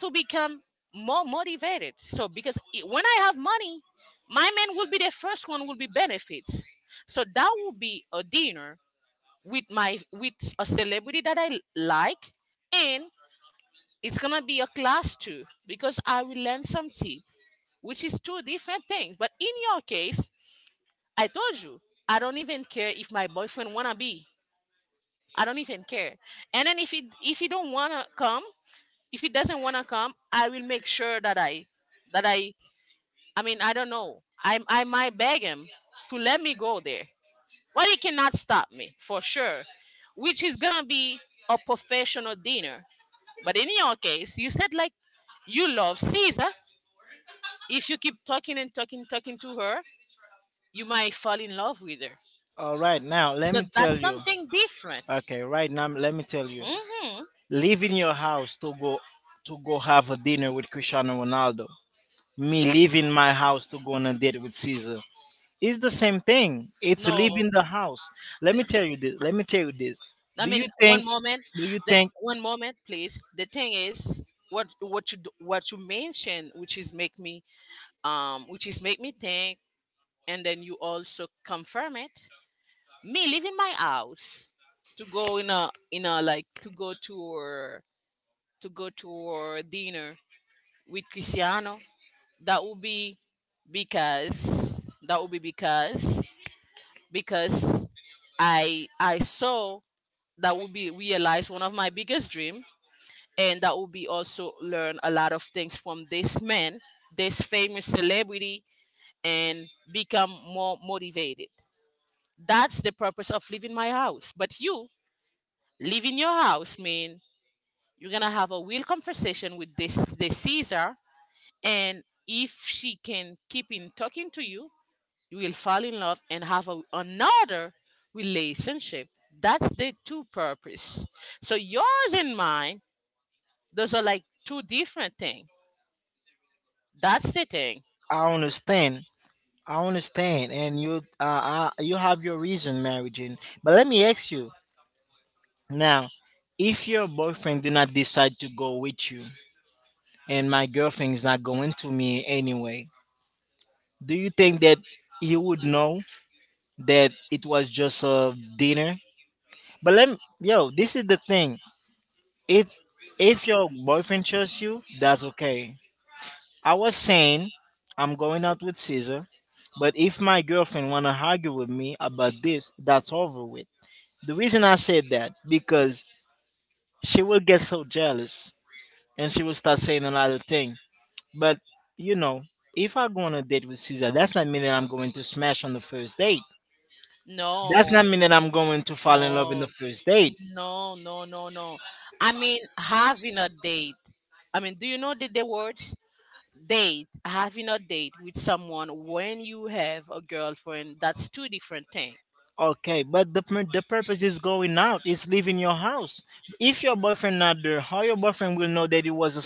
Speaker 1: to become more motivated. So because when I have money, my man will be the first one will be benefits. So that will be a dinner with a celebrity that I like, and it's gonna be a class too, because I will learn some tip, which is two different things. But in your case, I told you I don't even care if my boyfriend wanna be. I don't even care. And then if he don't wanna come, if he doesn't wanna come, I will make sure that I mean I don't know. I might beg him to let me go there. But he cannot stop me for sure. Which is gonna be a professional dinner. But in your case, you said like you love Caesar. If you keep talking to her, you might fall in love with her. So that's something different. Hmm. No. I mean, one moment. The, One moment, please. The thing is, what you mentioned, which is make me which is make me think, and then you also confirm it. Me leaving my house to go in a like to go to dinner with Cristiano. That would be because because I saw that would be realized one of my biggest dream, and that will be also learn a lot of things from this man, this famous celebrity, and become more motivated. That's the purpose of leaving my house. But you, leaving your house mean you're gonna have a real conversation with this Caesar, and if she can keep in talking to you, you will fall in love and have a, another relationship. That's the two purpose. So yours and mine, those are like two different things. That's sitting. No, no, no, no. I mean, having a date. I mean, do you know the words? Date, having a date with someone when you have a girlfriend, that's two different things.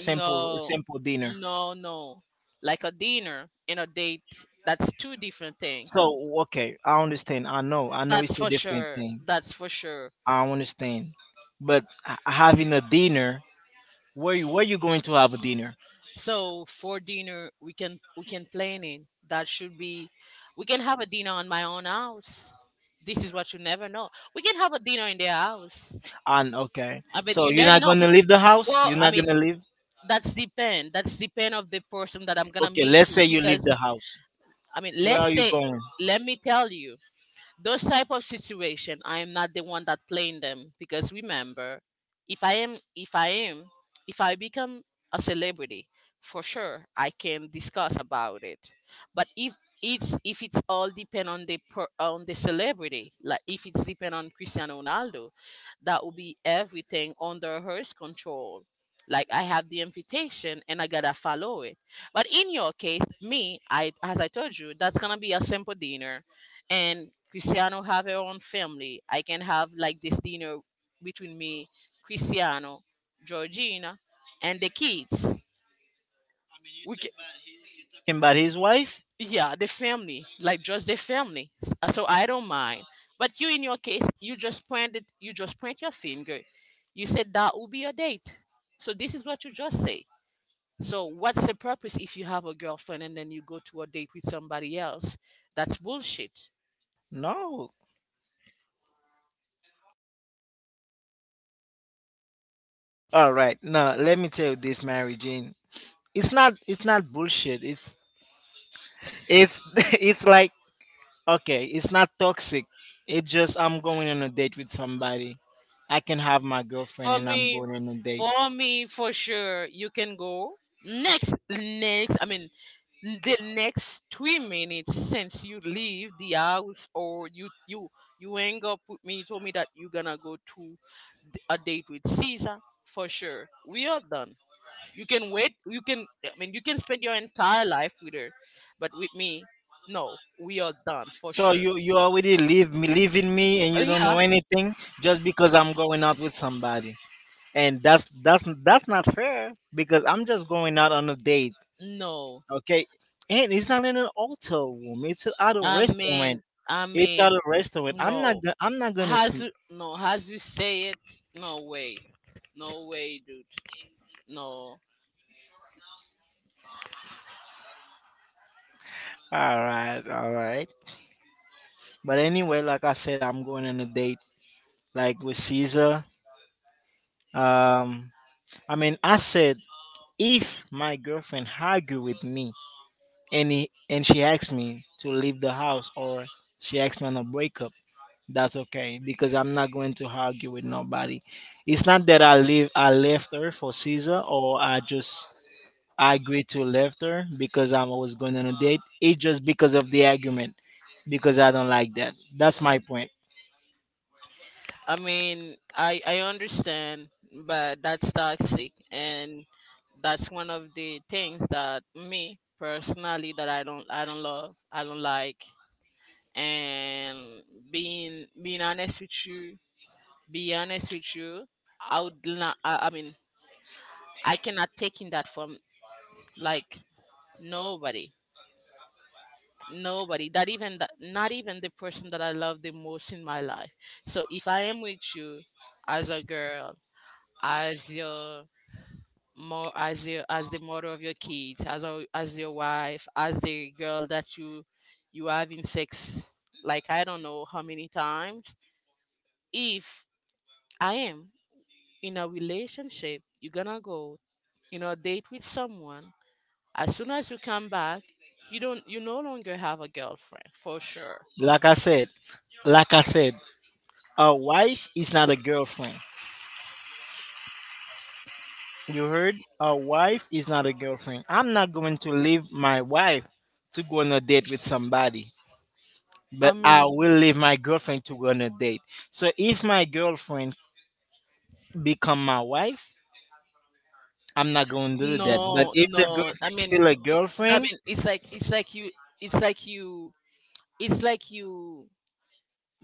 Speaker 1: No, no. Like a dinner and a date, that's two different things. That's for sure. That's for sure. So for dinner we can plan it. That should be we can have a dinner on my own house. This is what, you never know. We can have a dinner in their house, I bet. You never know. But well, I mean, that's depend of the person that I'm gonna meet too, because I mean, let's say, let me tell you, those type of situation, I am not the one that playing them, because remember, if I am, if I am, if I become a celebrity, for sure I can discuss about it. But if it's all depend on the on the celebrity, like if it's depend on Cristiano Ronaldo, that will be everything under her control. Like I have the invitation and I gotta follow it. But in your case, me, I as I told you, that's gonna be a simple dinner, and Cristiano have her own family. I can have like this dinner between me, Cristiano, Georgina, and the kids. We can, yeah, the family, like just the family. So I don't mind. But you, in your case, you just point your finger. You said that will be your date. So this is what you just say. So what's the purpose if you have a girlfriend and then you go to a date with somebody else? That's bullshit. For me, for me, for sure, you can go next. I mean, the next 3 minutes since you leave the house, or you hang up with me. You told me that you're gonna go to a date with Caesar. For sure, we are done. You can wait. You can. I mean, you can spend your entire life with her, but with me, no. We are done for sure. Yeah. No. I mean. I mean. No. Has, no, has you say it? No way, no way, dude. No. Mm, I mean, I understand, but that's toxic, and that's one of the things that me personally that I don't like. And being honest with you, be honest with you, I would not. I mean, I cannot take in that from like nobody, nobody, that even that, not even the person that I love the most in my life. So if I am with you, as a girl, as your, more as your, as the mother of your kids, as a, as your wife, as the girl that you having sex like I don't know how many times, if I am in a relationship, you're gonna go, you know, date with someone, as soon as you come back, you no longer have a girlfriend for sure. I mean, no, no. I mean, it's like you, it's like you, it's like you.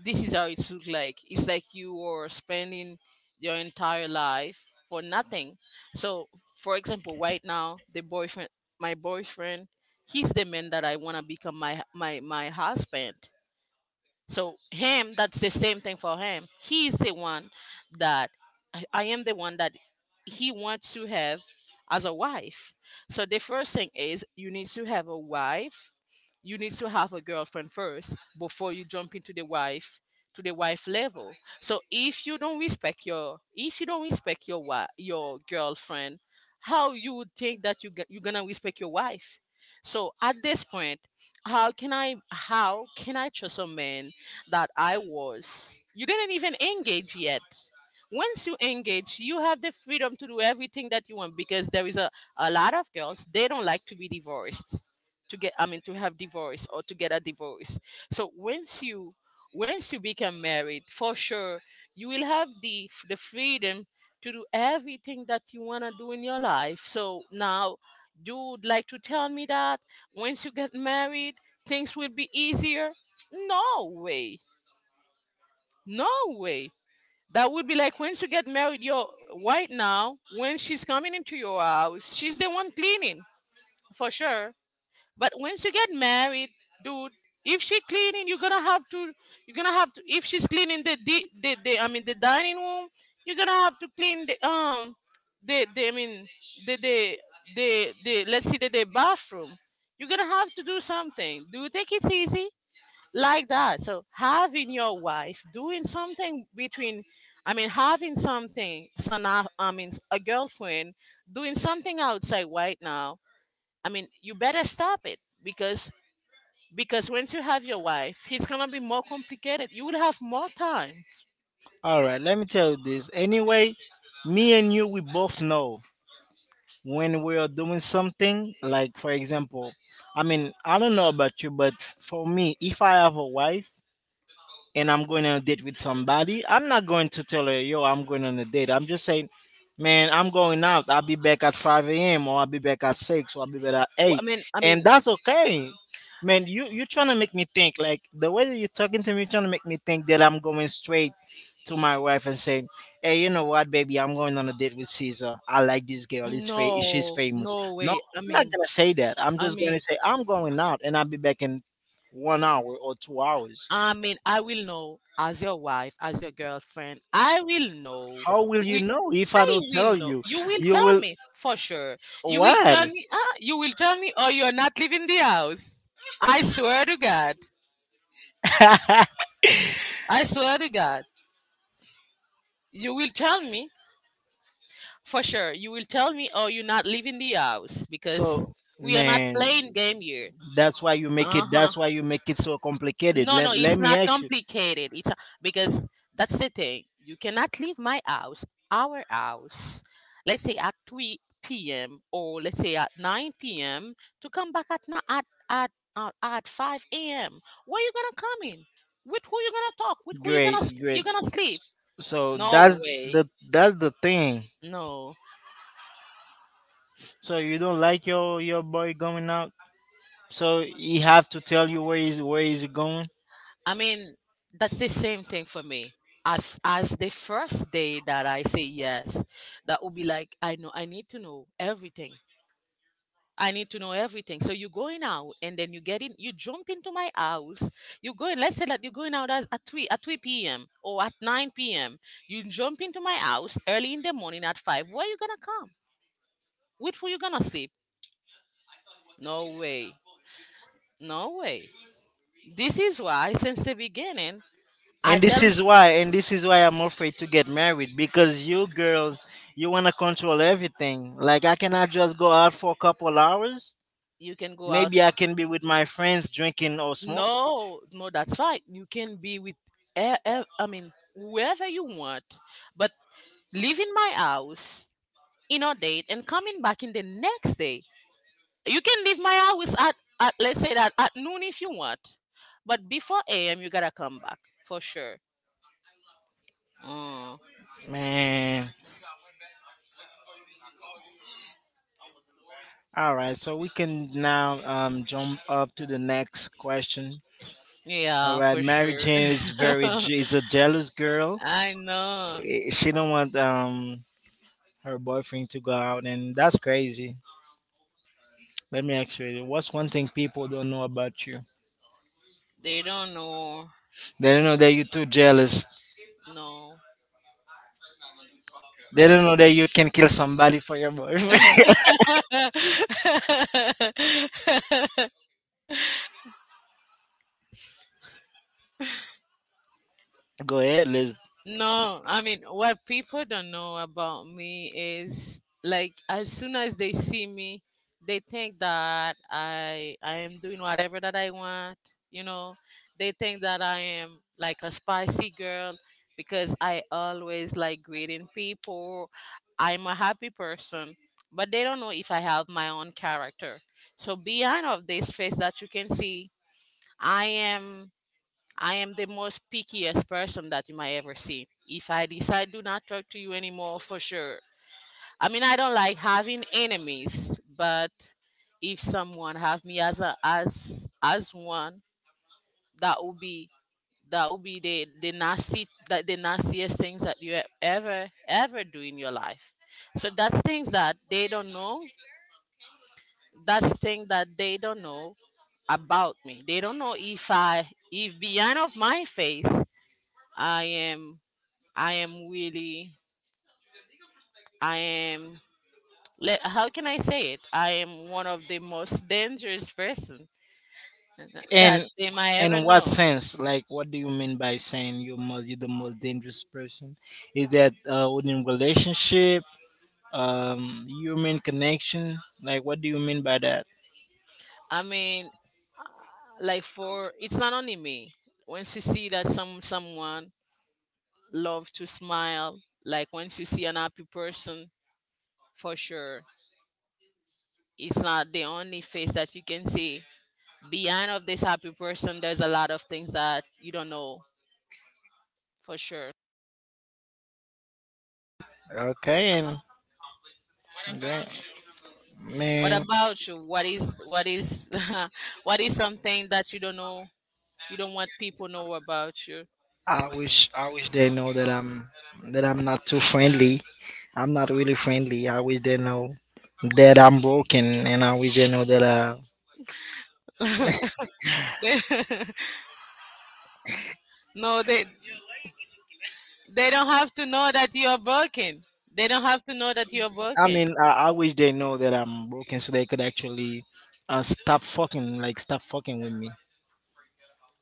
Speaker 1: This is how it looks like. It's like you were spending your entire life for nothing. So, for example, right now, the boyfriend, my boyfriend, he's the man that I wanna become my husband. So him, that's the same thing for him. He's the one that I am the one that he wants to have as a wife. So the first thing is you need to have a wife. You need to have a girlfriend first before you jump into the wife, to the wife level. So if you don't respect your wife, your girlfriend, how you would think that you're gonna respect your wife? So at this point, how can I trust a man that I was. You didn't even engage yet. Once you engage, you have the freedom to do everything that you want, because there is a lot of girls, they don't like to be divorced. To get, I mean, to have divorce or to get a divorce. So once you become married, for sure, you will have the freedom to do everything that you wanna do in your life. So now you would like to tell me that once you get married, things will be easier? No way. No way. That would be like once you get married, you're right now, when she's coming into your house, she's the one cleaning for sure. But once you get married, dude, if she cleaning, you're gonna have to, you're gonna have to, if she's cleaning the, the dining room, you're gonna have to clean the I mean, the, the, the, let's see, the bathroom. You're gonna have to do something. Do you think it's easy? Like that. So having your wife doing something between, I mean having something, so now, I mean, a girlfriend doing something outside right now, I mean, you better stop it because once you have your wife, it's gonna be more complicated. You will have more time. I mean, no, no way, I mean, I mean, I will know. As your wife, as your girlfriend, I will know. With I will know. You will tell me for sure. You will tell me you will tell me or you're not leaving the house. I swear to God. I swear to God. You will tell me for sure. You will tell me or you're not leaving the house because we are not playing game here. Uh-huh. No, no, it's not complicated. Because that's the thing. You cannot leave my house, our house, let's say at 3 p.m. or let's say at 9 p.m. to come back at at 5 a.m. Where you gonna come in? With who you gonna talk? With who you you gonna sleep? No way. No. I mean, that's the same thing for me. As the first day that I say yes, that would be like I know, I need to know everything. I need to know everything. So you're going out and then you get in, you jump into my house. You go in, let's say that you're going out at, at 3 p.m. or at 9 p.m. You jump into my house early in the morning at 5. Where you gonna come? With who you gonna sleep? No way. No way. This is why since the beginning I tell, you can go out. No, no, that's fine. You can be with I mean, whoever you want, but leave in my house inundate and coming back in the next day. You can leave my house at, let's say that at noon if you want, but before AM you gotta come back for sure. Mm, yeah, for sure. I know they don't know. No. No, I mean, what people don't know about me is like, as soon as they see me, they think that I am doing whatever that I want, you know. They think that I am like a spicy girl because I always like greeting people. I'm a happy person, but they don't know if I have my own character. So behind of this face that you can see, I am I am the most pickiest person that you might ever see. If I decide do not talk to you anymore, for sure. I mean, I don't like having enemies, but if someone have me as a as as one, that would be the nasty that the nastiest things that you ever do in your life. So that's things that they don't know. That's thing that they don't know about me. They don't know if I if behind of my face I am I am really, I am, let, how can I say it? I am one of the most dangerous person that they might ever know. I mean, like for, it's not only me. Once you see that someone love to smile, like once you see an happy person, for sure, it's not the only face that you can see. Behind of this happy person, there's a lot of things that you don't know for sure. What about you? What is what is something that you don't know? You don't want people know about you. They- no, they don't have to know that you are broken. They don't have to know that you are broken.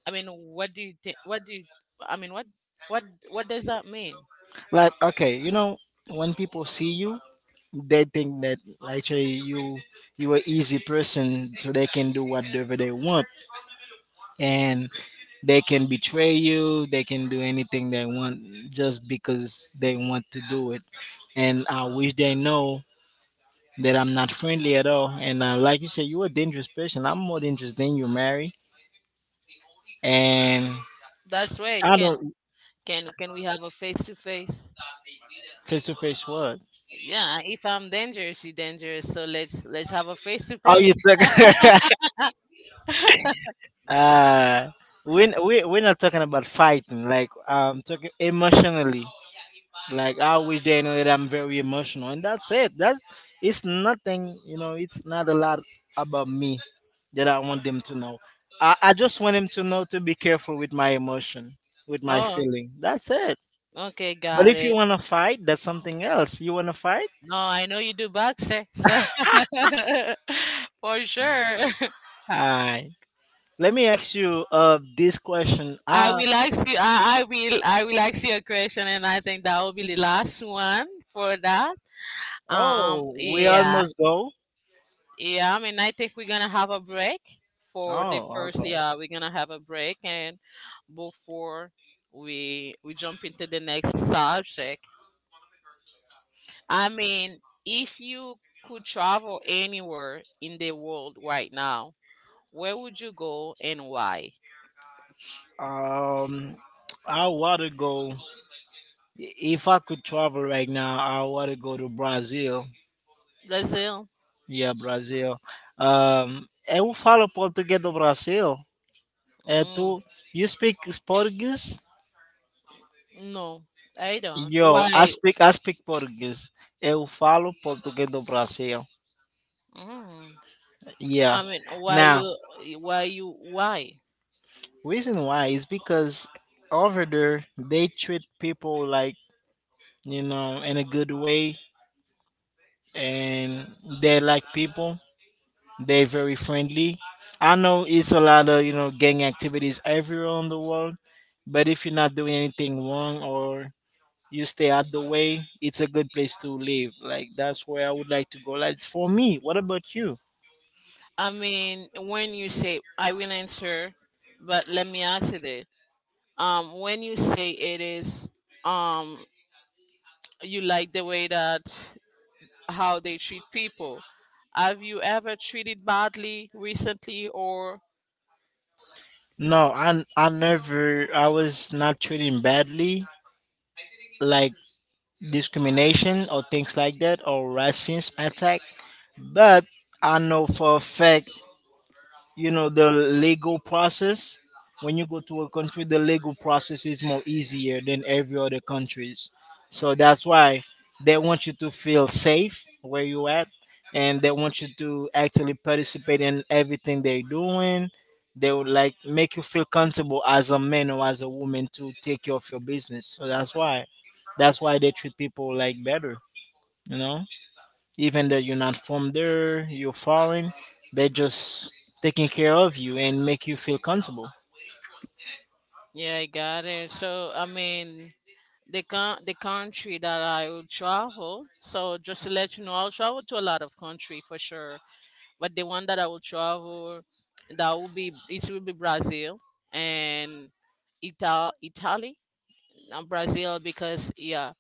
Speaker 1: I mean, what do you think? What do you? I mean, what what does that mean? That's why, can we have a face to face? Yeah, if I'm dangerous, you dangerous. So let's have a face to face. Oh, okay, got it. No, I know you do boxing, so for sure. I will ask you. I will ask you a question, and I think that will be the last one for that. Yeah. Yeah. I mean, I think we're gonna have a break for the first. Yeah, we're gonna have a break, and before we jump into the next subject, I mean, if you could travel anywhere in the world right now, where would you go and why? Brazil? Mm, no, I don't. Why? Mm, I mean, why you? Why you? Why? I mean, when you say I will answer, but let me ask you this. When you say it is, um, you like the way that how they treat people. Have you ever treated badly recently, or yeah, I got it. So I mean, the country that I will travel. So just to let you know, I'll travel to a lot of country for sure. But the one that I will travel, that will be it will be Brazil and Italy, and Brazil because yeah,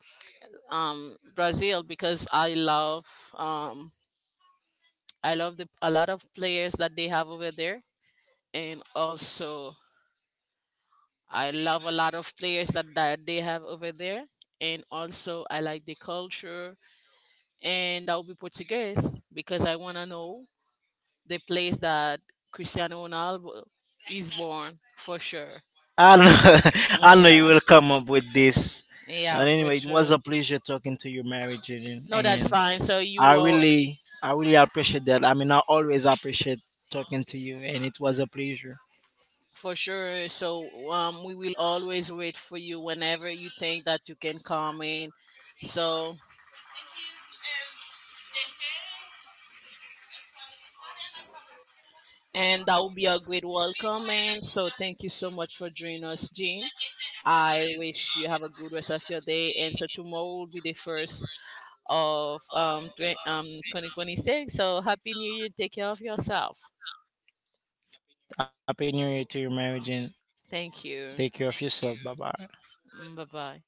Speaker 1: Brazil because um I love the a lot of players that they have over there, and also I love a lot of players that they have over there. And also, I like the culture, and that will be Portuguese because I want to know the place that Cristiano Ronaldo is born for sure. Yeah, yeah, for sure. No, that's fine. So you will for sure. So we will always wait for you whenever you think that you can come in. So and that will be a great welcome. And so thank you so much for joining us, Jean. I wish you have a good rest of your day. And so tomorrow will be the first of 2026. So happy new year. Take care of yourself. Thank you. Bye bye.